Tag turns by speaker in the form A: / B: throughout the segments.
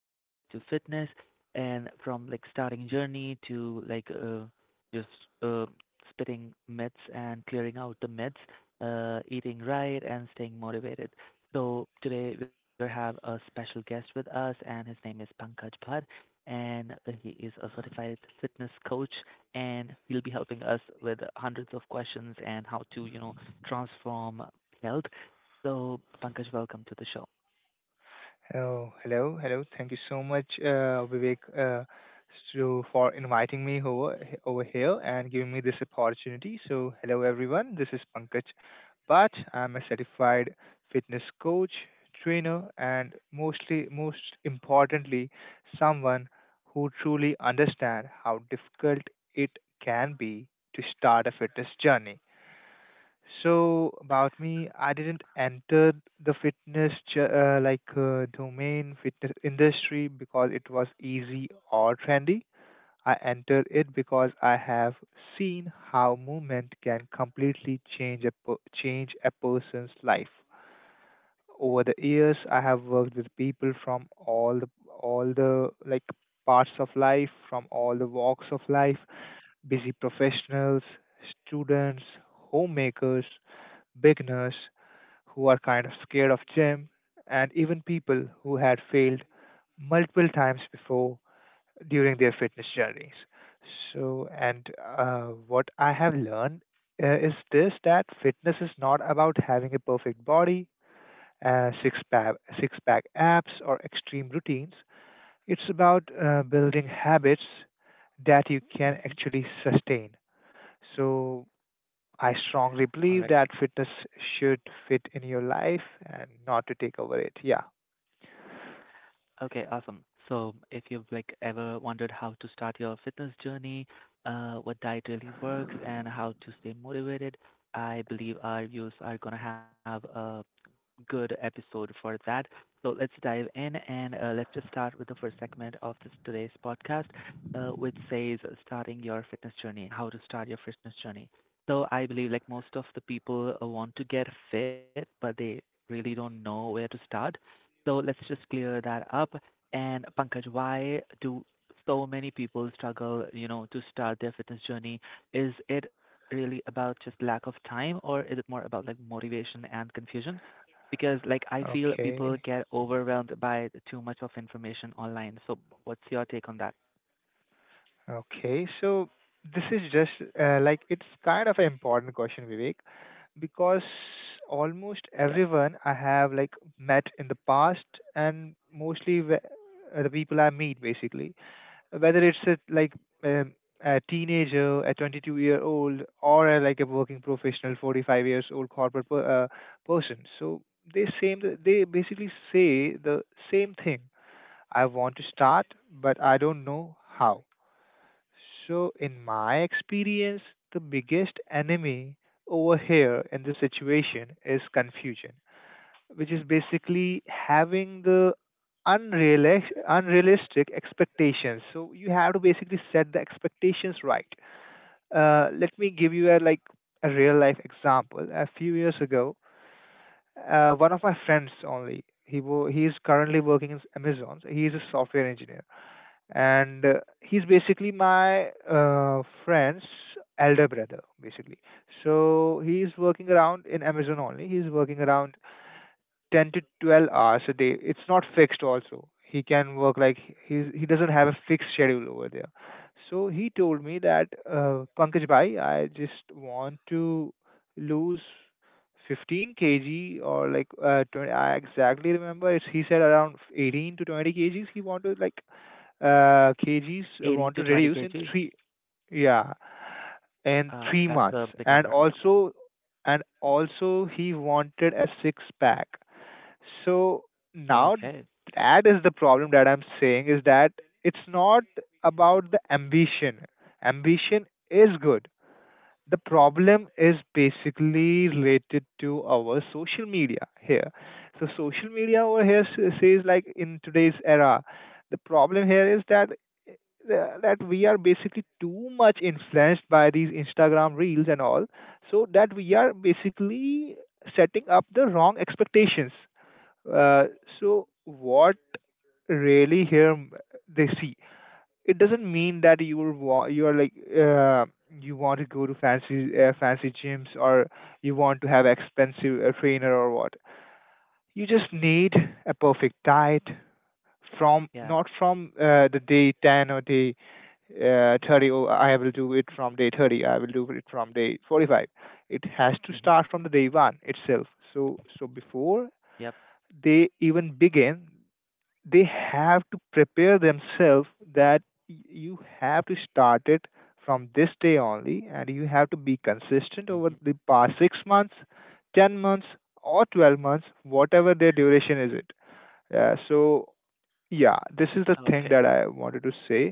A: related to fitness and from like starting journey to like just uh, spitting myths and clearing out the myths, eating right and staying motivated. So today we have a special guest with us, and his name is Pankaj Bhatt, and he is a certified fitness coach and he'll be helping us with hundreds of questions and how to transform health. So, Pankaj, welcome to the show.
B: Oh, hello, hello. Thank you so much, Vivek, so for inviting me over here and giving me this opportunity. So, hello everyone. This is Pankaj, but I'm a certified fitness coach, trainer, and mostly, most importantly, someone who truly understands how difficult it can be to start a fitness journey. So about me, I didn't enter the fitness ju- like domain fitness industry because it was easy or trendy. I entered it because I have seen how movement can completely change a person's life. Over the years, I have worked with people from all the parts of life, from all the walks of life, busy professionals, students, homemakers, beginners who are kind of scared of gym, and even people who had failed multiple times before during their fitness journeys. So, and what I have learned is this, that fitness is not about having a perfect body, six pack abs, or extreme routines. It's about building habits that you can
A: Mhm.
B: actually sustain. So, I strongly
A: All right.
B: believe that fitness should fit in your life and not to take over it. Yeah.
A: Okay, awesome. So if you've like ever wondered how to start your fitness journey, what diet really works, and how to stay motivated, I believe our viewers are gonna have a good episode for that. So let's dive in and let's just start with the first segment of this today's podcast, which says starting your fitness journey, how to start your fitness journey. So I believe like most of the people want to get fit, but they really don't know where to start, so let's just clear that up. And Pankaj, why do so many people struggle, to start their fitness journey? Is it really about just lack of time, or is it more about like motivation and confusion? Because like I feel people
B: Okay.
A: get overwhelmed by too much of information online. So what's your take on that?
B: Okay. So this is just like it's kind of an important question, Vivek, because almost
A: Yep,
B: everyone I have met in the past, and mostly the people I meet basically, whether it's um, a teenager, a 22-year-old, or a working professional, 45 years old corporate person. So they basically say the same thing. I want to start, but I don't know how. So in my experience, the biggest enemy over here in this situation is confusion, which is basically having the unreal unrealistic expectations. So you have to basically set the expectations right. Let me give you a a real life example. A few years ago, one of my friends only, he is currently working in Amazon, so he is a software engineer, and he's basically my friend's elder brother basically. So he's working around in Amazon only. He's working around 10 to 12 hours a day. It's not fixed also. He can work he doesn't have a fixed schedule over there. So he told me that, Pankaj Bhai, I just want to lose 15 kg, or 20, I exactly remember he said around 18 to 20 kgs he want to like kgs
A: 18
B: want to
A: to 20
B: reduce in
A: kgs.
B: three yeah, in
A: Uh,
B: three
A: that's
B: months
A: a big
B: And
A: number.
B: also, and also he wanted a six pack. So now,
A: Okay.
B: that is the problem that I'm saying, is that it's not about the ambition. Ambition is good. The problem is basically related to our social media here. So social media over here says, like in today's era, the problem here is that we are basically too much influenced by these Instagram reels and all, so that we are basically setting up the wrong expectations. Uh, so what really here m- they see, it doesn't mean that you are like you want to go to fancy gyms, or you want to have expensive trainer, or what. You just need a perfect diet, from
A: Yeah.
B: not from the day 10, or day 30, oh I will do it from day 30, I will do it from day 45. It has to start
A: hmm
B: from the day one itself. So, so before
A: Yep.
B: they even begin, they have to prepare themselves that y- you have to start it from this day only, and you have to be consistent over
A: hmm
B: the past 6 months, 10 months, or 12 months, whatever their duration is it. So yeah, this is the thing
A: Okay.
B: that I wanted to say.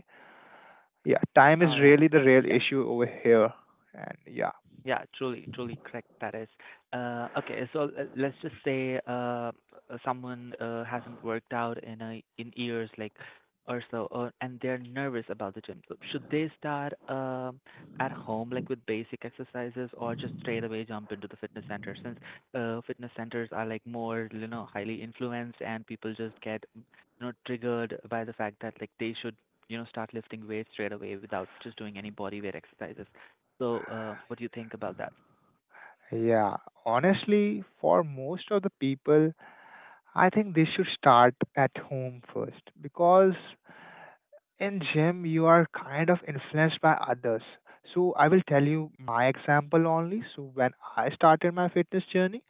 B: Yeah, time is
A: All right.
B: really the real
A: Yeah.
B: issue over here. And yeah.
A: Yeah, truly, truly correct. That is. Okay, so let's just say uh, someone hasn't worked out in a, in years, like or so, or, and they're nervous about the gym. So should they start at home, like with basic exercises, or just straight away jump into the fitness center? Since fitness centers are like more, highly influenced, and people just get, triggered by the fact that like they should, start lifting weights straight away without just doing any body weight exercises. So, what do you think about that?
B: Yeah, honestly, for most of the people, I think they should start at home first, because in gym you are kind of influenced by others. So I will tell you my example only. So when I started my fitness journey,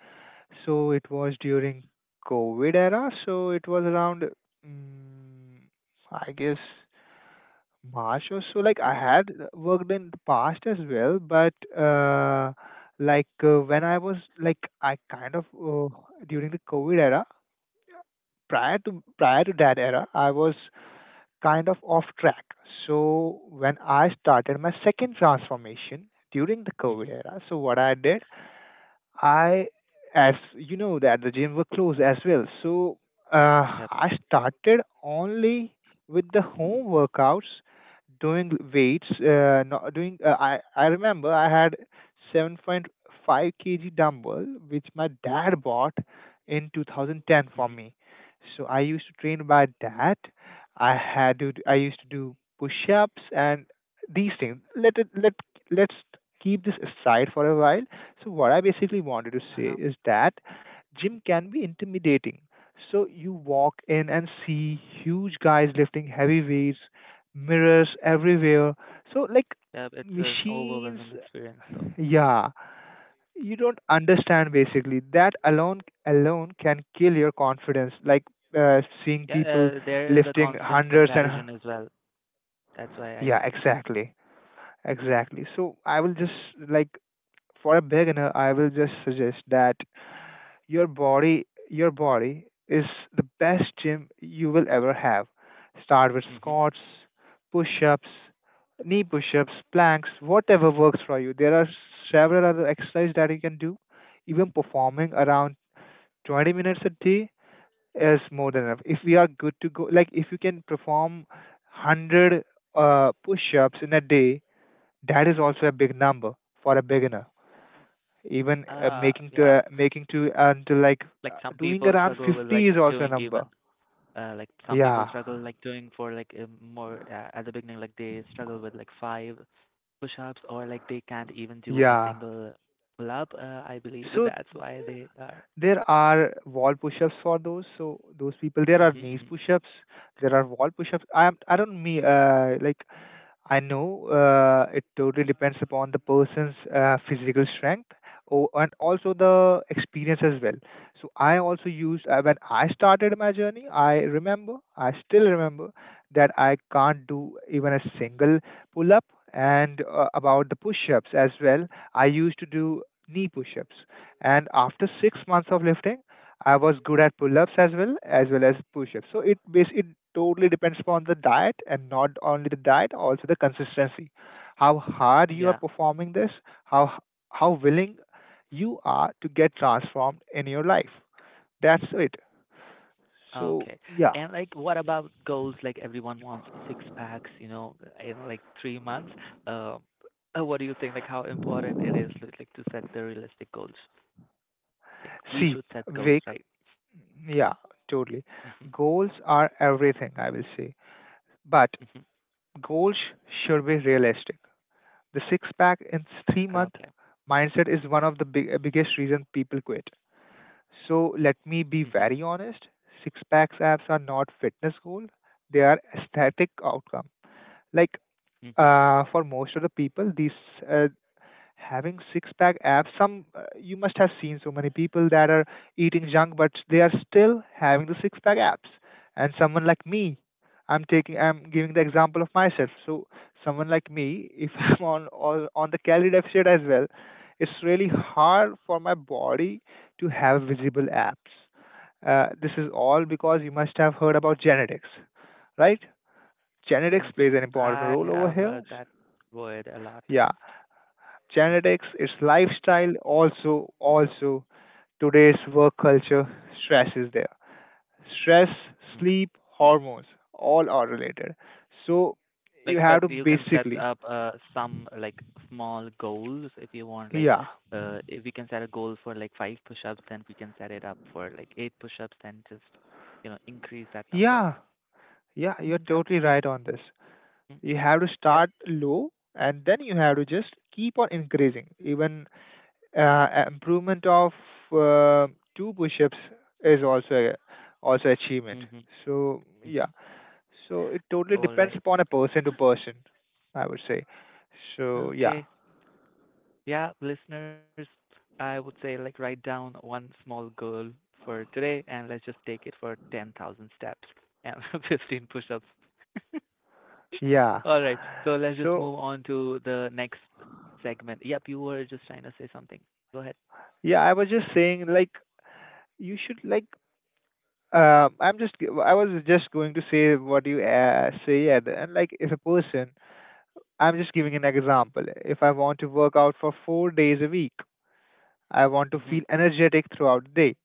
B: so it was during COVID era. So it was around, mm, I guess March or so. Like I had worked in the past as well, but uh, like when I was like I kind of uh, during the COVID era, prior to that era I was kind of off track. So when I started my second transformation during the
A: Mm-hmm.
B: COVID era, so what I did, I, as you know, that the gyms were closed as well. So
A: Yep.
B: I started only with the home workouts, doing weights. Not doing. I remember I had 7.5 kg dumbbell which my dad bought in 2010 for
A: Mm-hmm.
B: me. So I used to train by that. I had to. I used to do push-ups and these things. Let it. Let let's keep this aside for a while. So what I basically wanted to say
A: Uh-huh.
B: is that gym can be intimidating. So you walk in and see huge guys lifting heavy weights, mirrors everywhere. So like
A: Yep. It's an
B: machines,
A: overwhelming experience, though.
B: yeah. You don't understand basically. That alone can kill your confidence. Like seeing
A: Yeah.
B: people
A: There is a
B: lifting
A: constant
B: hundreds and
A: comparison as well. That's why I
B: yeah,
A: believe.
B: exactly, exactly. So I will just like for a beginner, I will just suggest that your body, your body is the best gym you will ever have. Start with
A: Mm-hmm.
B: squats, push-ups, knee push-ups, planks, whatever works for you. There are several other exercises that you can do. Even performing around 20 minutes a day is more than enough. If we are good to go, like if you can perform 100 push-ups in a day, that is also a big number for a beginner. Even
A: Uh,
B: making to
A: yeah.
B: making to and to like
A: Like some
B: doing
A: people
B: around
A: struggle with like
B: 50 is also a
A: doing even
B: number.
A: like some people
B: Yeah,
A: struggle like doing for like more at the beginning like they struggle with like five push-ups or like they can't even do a
B: yeah.
A: single pull-up. I believe
B: So
A: that's why they are.
B: there are wall push-ups for those, so those people,
A: Mm-hmm.
B: there are
A: Mm-hmm.
B: knees push-ups, there are wall push-ups. I am I don't mean like I know it totally depends upon the person's physical strength, or, and also the experience as well. So I also used when
A: Yep.
B: I started my journey. I remember, I still remember that I can't do even a single pull up. And about the push-ups as well, I used to do knee push-ups. And after six
A: Mm-hmm.
B: months of lifting, I was good at pull-ups as well, as well as push-ups. So it basically it totally depends upon the diet, and not only the diet, also the consistency. How hard you are
A: Yeah.
B: performing this, how how willing you are to get transformed in your life. That's it. So
A: Okay.
B: yeah,
A: And like, what about goals? Like, everyone wants six packs, in like 3 months. Um, what do you think? Like, how important it is, like, to set the realistic goals? Like, we
B: see,
A: should set goals,
B: Vic,
A: right?
B: yeah, totally.
A: Mhm.
B: Goals are everything, I will say, but
A: Mhm.
B: goals should be realistic. The six pack and three
A: Okay.
B: month mindset is one of the biggest reason people quit. So let me
A: Mhm.
B: be very honest. Six packs abs are not fitness goal. They are aesthetic outcome. Like
A: Mhm.
B: for most of the people, these uh, having six pack abs, some you must have seen so many people that are eating junk but they are still having the six pack abs. And someone like me, I'm giving the example of myself. So someone like me, if I'm on the calorie deficit as well, it's really hard for my body to have visible abs. This is all because you must have heard about genetics, right? Genetics
A: Mhm.
B: plays an important
A: I
B: role over
A: have
B: here.
A: heard that word a lot.
B: Yeah, genetics, it's lifestyle, also today's work culture, stress is there. Stress,
A: Mhm.
B: sleep, hormones, all are related. So
A: Like,
B: you
A: but
B: have to
A: you can set
B: basically,
A: up some like small goals if you want. Like,
B: yeah,
A: if we can set a goal for like five push-ups, then we can set it up for like eight push-ups, then just increase that number.
B: yeah, yeah, you're
A: Mm, that would
B: totally
A: be.
B: right on this.
A: Mm,
B: You have to
A: yep.
B: start low and then you have to just keep on increasing. Even improvement of uh, two push ups is also achievement.
A: Mhm.
B: So yeah,
A: Mhm.
B: so it totally
A: All
B: depends
A: right.
B: upon a person to person, I would say. So yeah,
A: Okay. Yeah, listeners, I would say like write down one small goal for today, and let's just take it for 10,000 steps and 15 push-ups
B: yeah.
A: All right. So let's just
B: So
A: move on to the next segment. Yep, you were just trying to say something. Go ahead.
B: yeah, I was just saying like you should I was just going to say what you say, and like if a person, I'm just giving an example. If I want to work out for 4 days a week, I want to
A: Mhm.
B: feel energetic throughout the day.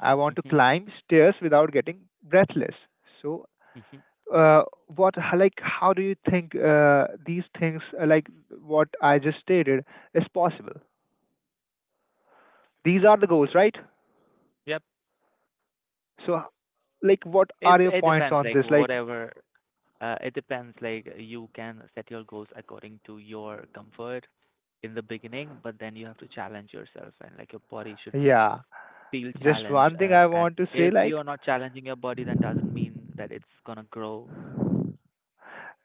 B: I want to
A: Mhm.
B: climb stairs without getting breathless. So
A: Mhm.
B: uh, what like how do you think these things like what I just stated is possible? These are the goals,
A: Ju-
B: right?
A: Yep.
B: So, like, what
A: It's
B: are your
A: it
B: points
A: depends.
B: on
A: Like
B: this? Like,
A: whatever. It depends. Like you can set your goals according to your comfort in the beginning, but then you have to challenge yourself, and like your body should be ch-
B: yeah,
A: feel
B: just
A: challenged.
B: one thing
A: Uh,
B: I
A: and
B: want to say,
A: if
B: like,
A: you're not challenging your body, then doesn't mean that it's gonna grow.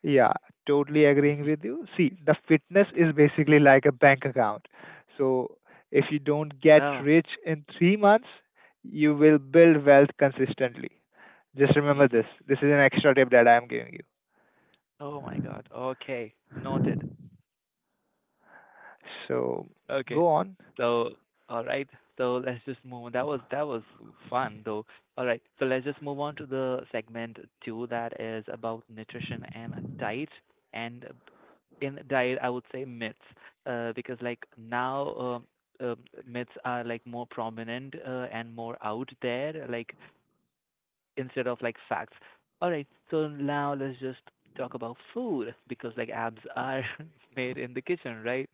B: yeah, totally agreeing
A: Mhm.
B: with you. See, the fitness is basically like a bank account. So, if you don't get
A: Oh.
B: rich in 3 months, you will build wealth consistently. Just remember
A: Mhm.
B: this. This is an extra tip that I'm giving you.
A: Oh my God. Okay. Noted.
B: So
A: Okay.
B: go on.
A: So, all right. So let's just move on. That was fun though. All right. So let's just move on to the segment two that is about nutrition and diet. And in diet, I would say myths, because like now, um myths are like more prominent and more out there. Like instead of like facts. All right, so now let's just talk about food because like abs are made in the kitchen, right?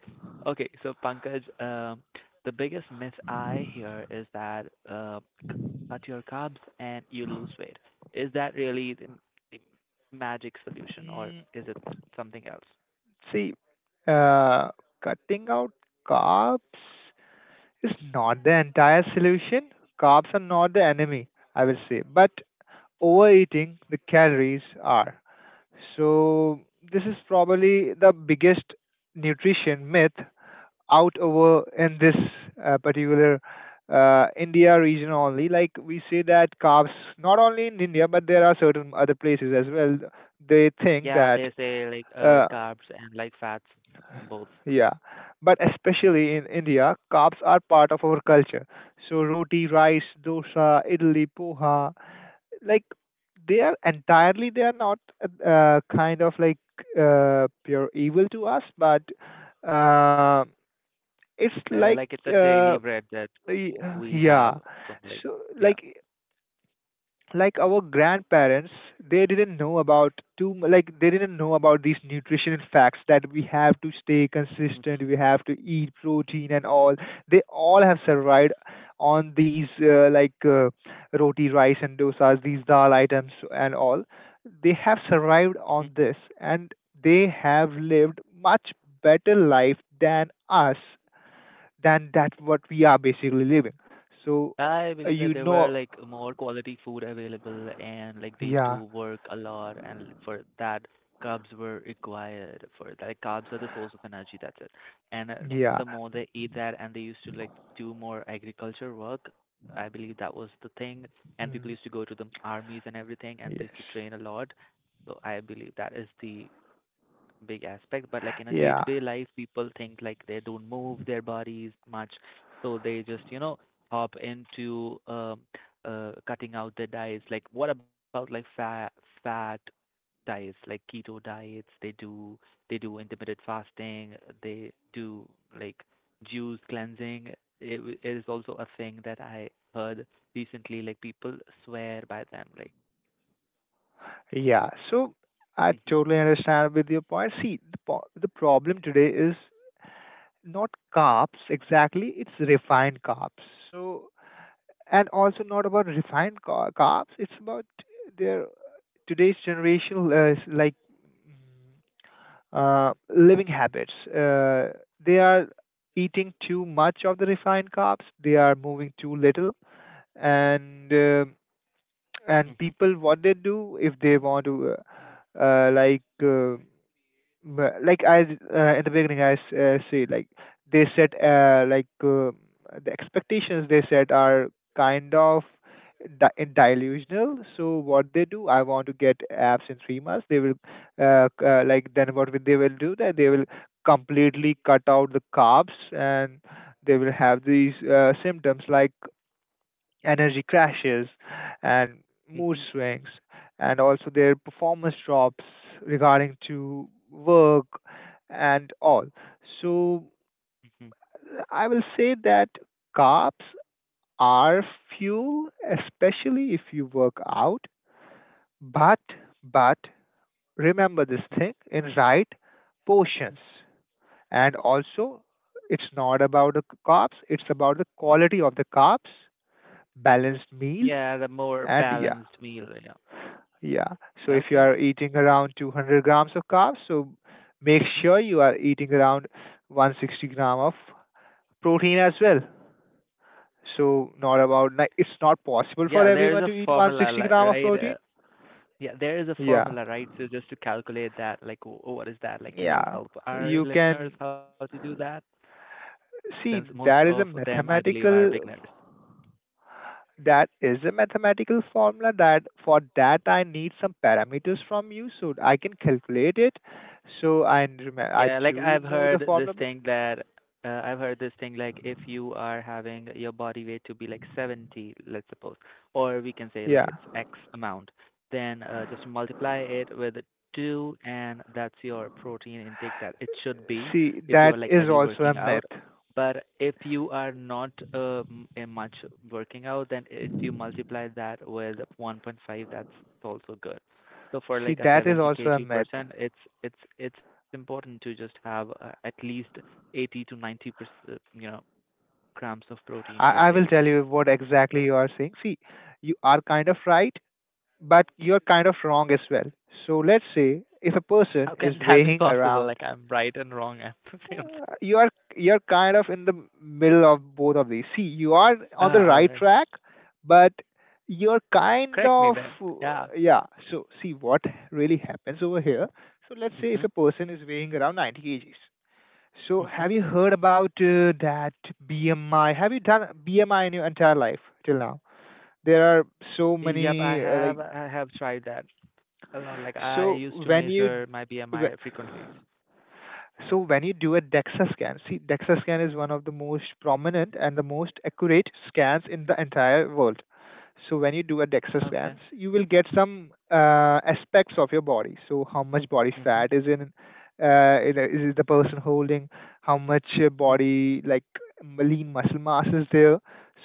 A: Okay, so Pankaj, the biggest myth I hear is that cut your carbs and you lose weight. Is that really the magic solution or
B: Mm,
A: is it something else?
B: see, uh, cutting out carbs is not the entire solution. Carbs are not the enemy, I will say, but overeating the calories are. So this is probably the biggest nutrition myth out over in this particular India region only. Like we say that carbs, not only in India, but there are certain other places as well. They think
A: Yeah,
B: that.
A: they say like
B: Uh,
A: carbs and like fats, both.
B: yeah, but
A: Hmm.
B: especially in India, carbs are part of our culture. So roti, rice, dosa, idli, poha, like they are not kind of like pure evil to us, but uh, it's like
A: Like it's a
B: uh,
A: daily bread that
B: y-
A: we
B: yeah.
A: have from like
B: So
A: yeah.
B: like our grandparents, they didn't know about like they didn't know about these nutrition facts, that we have to stay consistent, we have to eat protein and all. They all have survived on these like roti, rice and dosas, these dal items and all. They have survived on this, and they have lived much better life than us, than that what we are basically living. So
A: I believe that there were
B: you
A: like
B: know,
A: more quality food available and like they used
B: yeah,
A: to work a lot, and for that carbs were required. For that, carbs are the source of energy, that's it. And
B: yeah.
A: the more they eat that, and they used to like do more agriculture work, I believe that was the thing. And people used to
B: Mm,
A: go to the armies and everything, and they used
B: yes.
A: to train a lot, so I believe that is the big aspect. But like in a
B: Yeah.
A: day-to-day life, people think like they don't move their bodies much, so they just, hop into cutting out their diets. Like, what about like fat diets, like keto diets? They do intermittent fasting. They do like juice cleansing. It is also a thing that I heard recently. Like people swear by them. Like,
B: Yeah. So I
A: hmm
B: totally understand with your point. See, the problem today is not carbs exactly, it's refined carbs. So, and also not about carbs, it's about their today's generation like mm, living habits. They are eating too much of the refined carbs, they are moving too little, and um
A: hmm
B: and people what they do, if they want to like like I in the beginning say like they set uh, like uh, the expectations they set are kind of delusional. So what they do, I want to get apps in 3 months, they will like then what will do, that they will completely cut out the carbs, and they will have these symptoms like energy crashes and mood
A: hmm
B: swings, and also their performance drops regarding to work and all. So
A: hmm
B: I will say that carbs are fuel, especially if you work out, but but remember this
A: hmm
B: thing in right portions. And also it's not about the carbs, it's about the quality of the carbs, balanced meals.
A: Yeah, the more
B: And yeah.
A: balanced meal. Yeah.
B: Yeah. So if you
A: Okay.
B: are eating around 200 grams of carbs, so make
A: Hmm.
B: sure you are eating around 160 gram of protein as well. So not about like it's not possible for
A: Yeah, there is
B: everyone
A: a
B: to eat
A: formula,
B: 160 gram of
A: right?
B: protein.
A: Yeah, there is a
B: Yeah.
A: formula, right? So just to calculate that, like, what is that? Like, can you
B: Yeah.
A: help our
B: You
A: listeners
B: can
A: how to do that? Since
B: see,
A: most
B: that
A: of
B: is a
A: them, I believe, are
B: mathematical
A: beginners.
B: formula, that for that I need some parameters from you so I can calculate it. So I
A: Yeah, like
B: do know the formula, but
A: I've heard this thing like if you are having your body weight to be like 70, let's suppose, or we can say
B: yeah.
A: like it's X amount, then just multiply it with two, and that's your protein intake that it should be
B: See,
A: if
B: that
A: you're like
B: is
A: heavy
B: also a
A: working
B: myth.
A: out. But if you are not much working out, then if you multiply that with 1.5, that's also good. So for
B: See,
A: like a
B: that is
A: 70
B: also a myth.
A: K2%, it's important to just have at least 80 to 90%, grams of protein per
B: I will
A: day.
B: tell you what exactly you are saying. See, you are kind of right, but you're kind of wrong as well. So let's say if a person
A: How
B: is
A: can that be
B: weighing
A: possible?
B: around,
A: Like I'm right and wrong at the same time.
B: uh, you are you're kind of in the middle of both of these. See, you are on the
A: Ah, all
B: right
A: right.
B: track, but you're kind
A: Correct me
B: of
A: then. Yeah.
B: yeah. So see what really happens over here. So let's say if a
A: Mhm.
B: person is weighing around 90 kgs. So have
A: Mhm.
B: you heard about that BMI? Have you done BMI in your entire life till now? There are so
A: Yep, I
B: many like
A: have I have tried that a lot. Like I
B: so
A: used to
B: when you
A: measure my BMI
B: wh-
A: frequently.
B: so when you do a DEXA scan. See, DEXA scan is one of the most prominent and the most accurate scans in the entire world. So when you do a DEXA
A: Okay.
B: scans, you will get some aspects of your body. So how much body
A: Mhm.
B: fat is in, is the person holding? How much
A: Mhm.
B: body like lean muscle mass is there?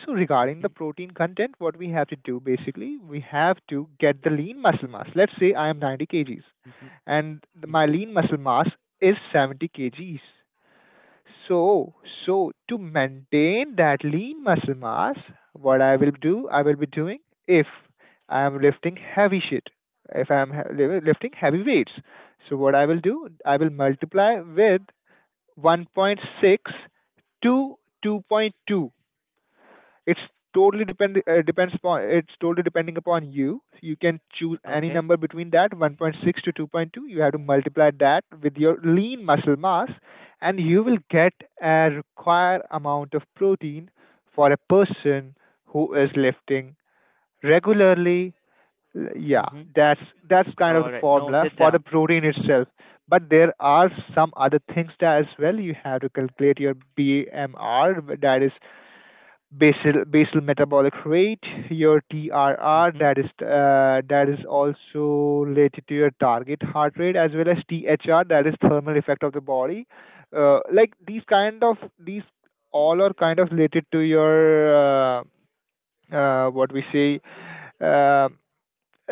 B: So regarding the
A: Mhm.
B: protein content, what we have to do basically, we have to get the lean muscle mass. Let's say I am 90 kgs
A: Mhm.
B: and my
A: Mhm.
B: lean muscle mass is 70 kgs. So, so to maintain that lean muscle mass, what I will do, I will be doing, if I am lifting heavy shit, if I am lifting heavy weights. So what I will do, I will multiply with 1.6 to 2.2. it's totally depend depends upon it's totally depending upon you. So you can choose any
A: Okay.
B: number between that 1.6 to 2.2. You have to multiply that with your lean muscle mass, and you will get a required amount of protein for a person who is lifting regularly. Yeah,
A: Mhm.
B: that's kind of
A: All
B: the
A: right.
B: formula
A: Noted
B: for the
A: down.
B: protein itself. But there are some other things that as well. You have to calculate your BMR, that is basal metabolic rate, your TRR,
A: Mhm.
B: that is also related to your target heart rate, as well as THR, that is thermal effect of the body. Like these all are kind of related to your what we say uh,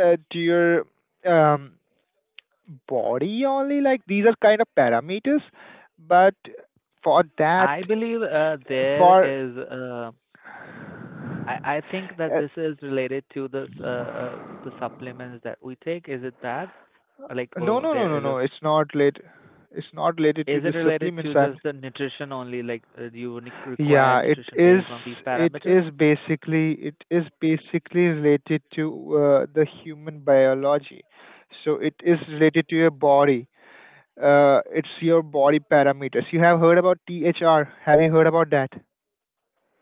B: to your um, body only. Like these are kind of parameters, but for that
A: I believe there
B: for
A: is. I think that
B: uh,
A: this is related to the supplements that we take. Is it that? Or, like,
B: no,
A: oh,
B: no, no,
A: there
B: no,
A: is a.
B: no. It's not late. It's not related to
A: Is it
B: the
A: related
B: supplements.
A: to
B: I'm.
A: just the nutrition only? Like, you require
B: Yeah, it
A: nutrition
B: is.
A: based on these
B: It
A: parameters?
B: is basically. It is basically related to the human biology. So it is related to your body. It's your body parameters. You have heard about THR. Have you heard about that?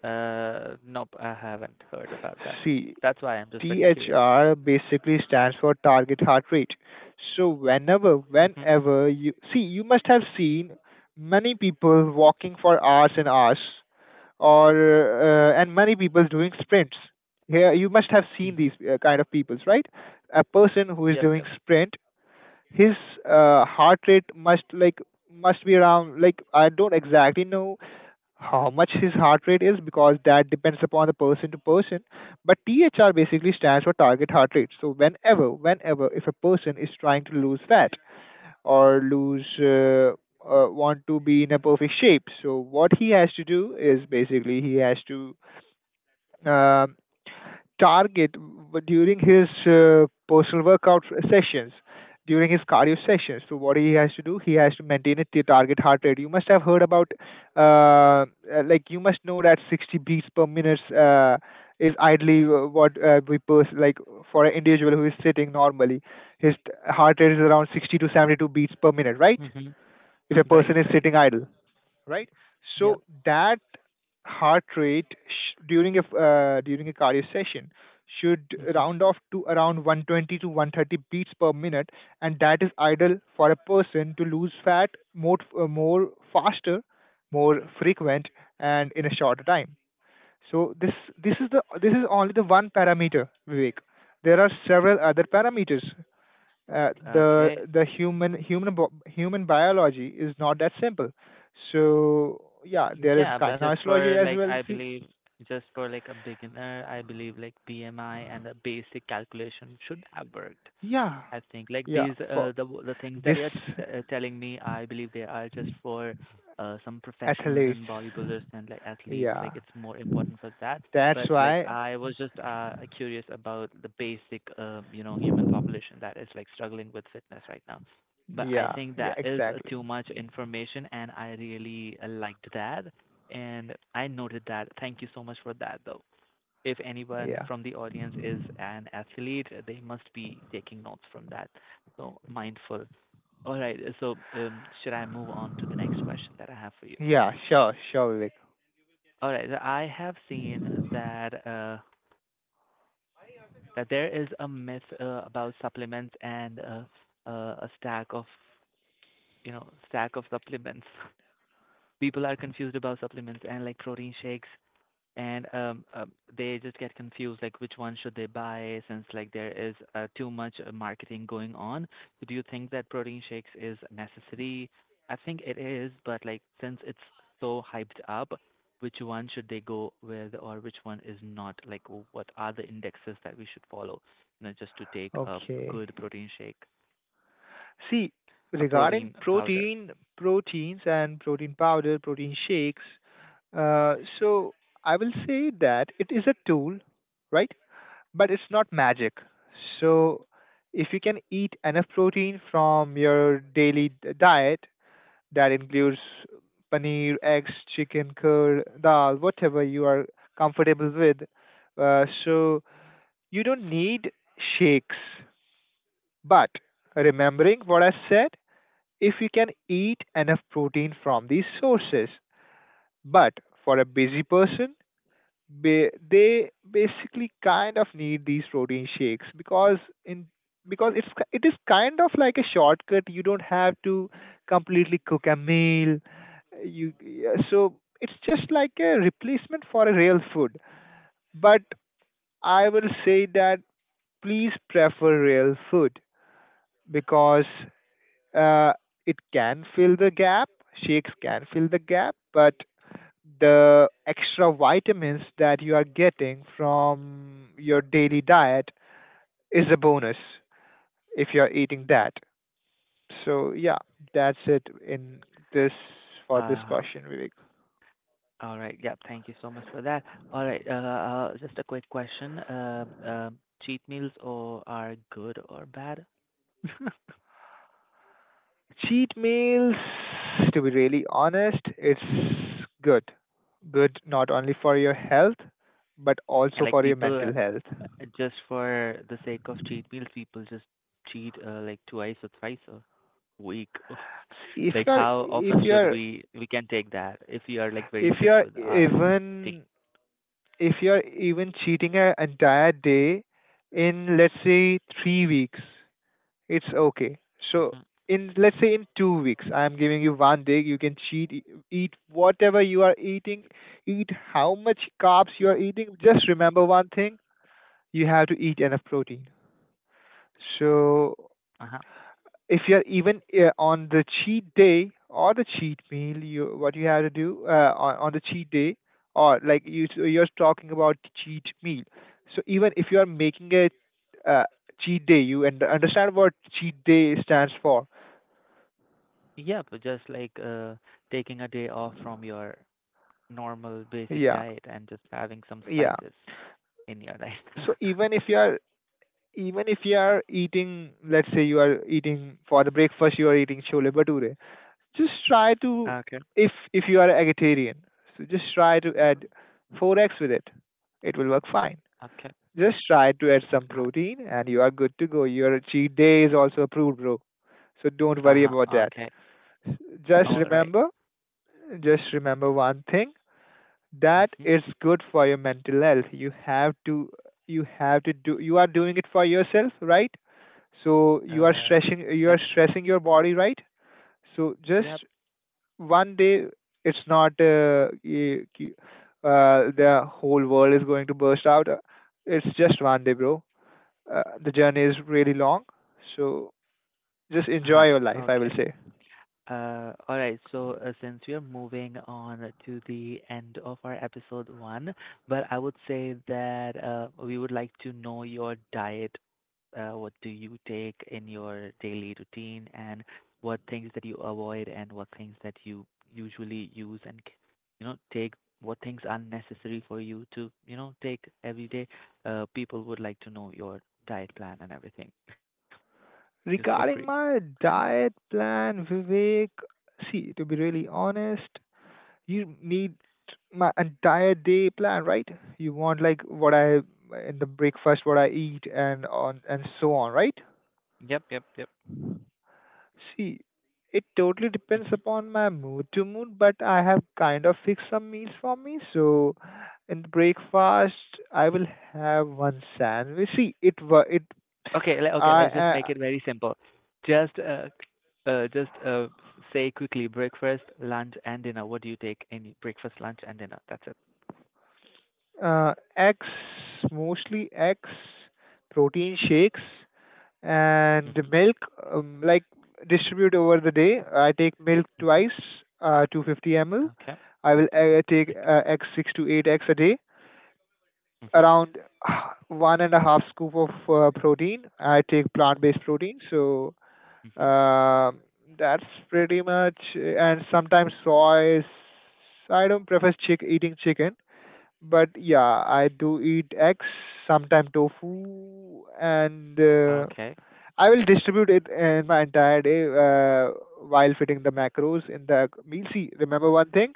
A: Nope, I haven't heard about that.
B: See,
A: That's why I'm just very curious.
B: THR basically stands for target heart rate. So
A: Mhm.
B: whenever you see, you must have seen many people walking for hours and hours, or and many people doing sprints. Here, you must have seen these
A: Mhm.
B: kind of peoples, right? A person who is
A: Yep.
B: doing
A: Yep.
B: sprint, his heart rate must be around, like I don't exactly know how much his heart rate is, because that depends upon the person to person. But THR basically stands for target heart rate. So whenever, if a person is trying to lose fat, or lose want to be in a perfect shape, so what he has to do is basically, he has to um target during his personal workout sessions, during his cardio sessions. So what he has to do, he has to maintain a target heart rate. You must have heard about, uh, like you must know that 60 beats per minute is ideally what like, for an individual who is sitting normally. His heart rate is around 60 to 72 beats per minute, right?
A: Mhm.
B: If a person
A: Right.
B: is
A: Right.
B: sitting idle, right?
A: Yep.
B: So that heart rate during during a cardio session should
A: Mhm.
B: round off to around 120 to 130 beats per minute, and that is ideal for a person to lose fat more more faster, more frequent, and in a shorter time. So this is the this is only the one parameter, Vivek. There are several other parameters, uh, the
A: Okay.
B: the human human bo- human biology is not that simple. So yeah, there is
A: Yeah, but just
B: kinesiology
A: for
B: as
A: like
B: well.
A: I
B: See,
A: believe just for like a beginner, I believe like BMI and a basic calculation should have worked.
B: yeah,
A: I think like
B: yeah,
A: these
B: for
A: the things that
B: this,
A: you're telling me, I believe they are just for some professionals
B: athletes,
A: and bodybuilders and like athletes.
B: yeah,
A: Like it's more important for that.
B: that's
A: But like
B: why,
A: I was just curious about the basic human population that is like struggling with fitness right now. But I
B: yeah,
A: think
B: yeah,
A: that is
B: exactly,
A: too much information, and I really liked that, and I noted that. Thank you so much for that, though if anyone
B: yeah,
A: from the audience is an athlete, they must be taking notes from that. So mindful. All right. So should I move on to the next question that I have for you?
B: yeah, sure, sure, Vivek.
A: All right. I have seen that that there is a myth about supplements and a stack of supplements. People are confused about supplements and like protein shakes, and they just get confused like which one should they buy, since like there is too much marketing going on. So do you think that protein shakes is necessary? I think it is, but like since it's so hyped up, which one should they go with, or which one is not, like what are the indexes that we should follow, just to take a
B: Okay,
A: good protein shake,
B: see,
A: a
B: regarding
A: protein powder
B: protein, proteins and protein powder, protein shakes, so I will say that it is a tool, right? But it's not magic. So, if you can eat enough protein from your diet, that includes paneer, eggs, chicken, curd, dal, whatever you are comfortable with, so you don't need shakes. But remembering what I said, if you can eat enough protein from these sources, but for a busy person, they basically kind of need these protein shakes, because in because it is kind of like a shortcut. You don't have to completely cook a meal. You Yeah, so it's just like a replacement for a real food. But I will say that, please prefer real food, because uh, it can fill the gap. Shakes can fill the gap, but the extra vitamins that you are getting from your daily diet is a bonus, if you're eating that. So yeah, that's it in this for this
A: uh
B: question, Vivek.
A: All right. Yep. Thank you so much for that. All right. Just a quick question. Cheat meals or are good or bad?
B: Cheat meals, to be really honest, it's good. Good not only for your health, but
A: And
B: also
A: like
B: for your
A: people,
B: mental health.
A: just for the sake of cheat meals, people just cheat like twice or thrice a week. Of
B: See,
A: Like how often should we can take that if we are like very
B: if
A: strict
B: you're
A: with our thing?
B: even, if you're even cheating an entire day in let's say 3 weeks, it's okay. So
A: Hmm.
B: in let's say in 2 weeks, I'm giving you one day. You can cheat, eat whatever you are eating, eat how much carbs you are eating. Just remember one thing: you have to eat enough protein. So
A: Uh-huh.
B: if you're even on the cheat day or the cheat meal, you what you have to do on the cheat day, or like you, so you're talking about cheat meal. So even if you are making a uh, cheat day, you, and understand what cheat day stands for.
A: Yeah, but just like taking a day off from your normal basic
B: Yeah,
A: diet and just having some
B: yeah.
A: spices in your life.
B: So even if you are eating, let's say you are eating for the breakfast, you are eating chole bhature, just try to,
A: Okay.
B: if you are a vegetarian, so just try to
A: So,
B: add 4x with it, it will work fine.
A: okay,
B: Just try to add
A: just
B: some
A: not.
B: protein and you are good to go. Your cheat day is also approved, bro. So don't worry
A: Uh-huh.
B: about that.
A: Okay.
B: just
A: All right.
B: remember just remember one thing, that
A: Mm-hmm.
B: it's good for your mental health. You have to do, you are doing it for yourself, right? So
A: Uh,
B: you are
A: yep.
B: stressing your body, right? So just
A: Yep.
B: one day, it's not the whole world is going to burst out. It's just one day, bro. The journey is really long, so just enjoy
A: Uh-huh.
B: your life, I will
A: Okay.
B: say.
A: All right, so since we are moving on to the end of our episode one, but I would say that we would like to know your diet. What do you take in your daily routine, and what things that you avoid, and what things that you usually use and take. What things are necessary for you to take every day? People would like to know your diet plan and everything, just for free.
B: Regarding my diet plan, Vivek, see, to be really honest, you need my entire day plan, right? You want like what I, in the breakfast, what I eat, and on and so on, right?
A: Yep, yep, yep.
B: See, it totally depends upon my mood to mood, but I have kind of fixed some meals for me. So in the breakfast, I will have one sandwich. See, it wa it
A: Okay, okay,
B: I
A: let's just make it very simple. Just uh, just uh, say quickly breakfast, lunch, and dinner. What do you take in breakfast, lunch, and dinner? That's it.
B: uh, eggs, mostly eggs, protein shakes, and
A: Mhm.
B: milk. Like distribute over the day. I take milk
A: Mhm.
B: twice, 250 ml.
A: Okay.
B: I will take
A: Okay.
B: eggs, six to eight eggs a day,
A: Mhm.
B: around uh, one and a half scoop of protein. I take plant-based protein, so
A: Mhm.
B: um that's pretty much. And sometimes soy. I don't prefer chick eating chicken, but yeah, I do eat eggs, sometimes tofu, and
A: Okay.
B: I will distribute it in my entire day while fitting the macros in the meal. See, remember one thing: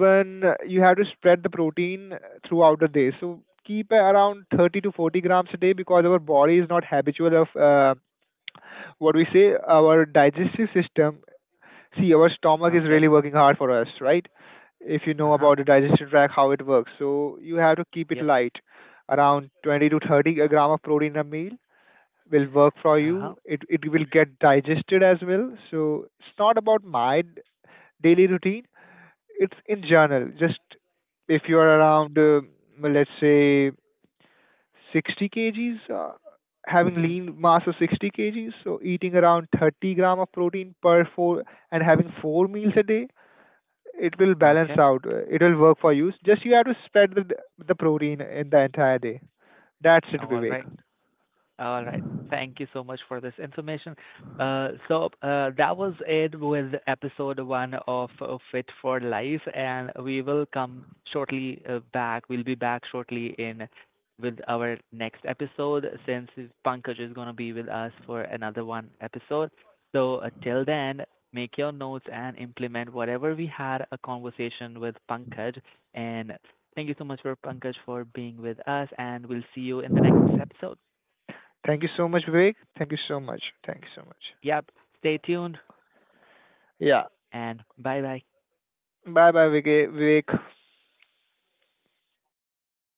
A: Mm.
B: you have to spread the protein throughout the day. So keep around 30 to 40 grams a day, because our body is not habitual of what we say, our digestive system. See, our stomach is
A: Okay.
B: really working hard for us, right? If you know
A: Uh-huh.
B: about the digestive tract, how it works. So you have to keep it
A: Yep.
B: light. Around 20 to 30 gram of protein a meal will work for
A: Uh-huh.
B: you. It will get digested as well. So it's not about my daily routine, it's in general, just if you are around, let's say, 60 kgs, having
A: Mhm.
B: lean mass of 60 kgs, so eating around 30 gram of protein per four, and having four meals a day, it will balance
A: Okay.
B: out. It will work for you. Just you have to spread the protein in the entire day. That's it,
A: All
B: Vivek.
A: right. All right. Thank you so much for this information. So that was it with episode one of Fit for Life, and we will come shortly back. We'll be back shortly in with our next episode since Pankaj is going to be with us for another one episode. So till then, make your notes and implement whatever we had a conversation with Pankaj. And thank you so much for Pankaj for being with us, and we'll see you in the next episode.
B: Thank you so much, Vivek. Thank you so much. Thank you so much.
A: Yep. Stay tuned
B: Yeah.
A: and bye-bye.
B: Bye bye, Vivek.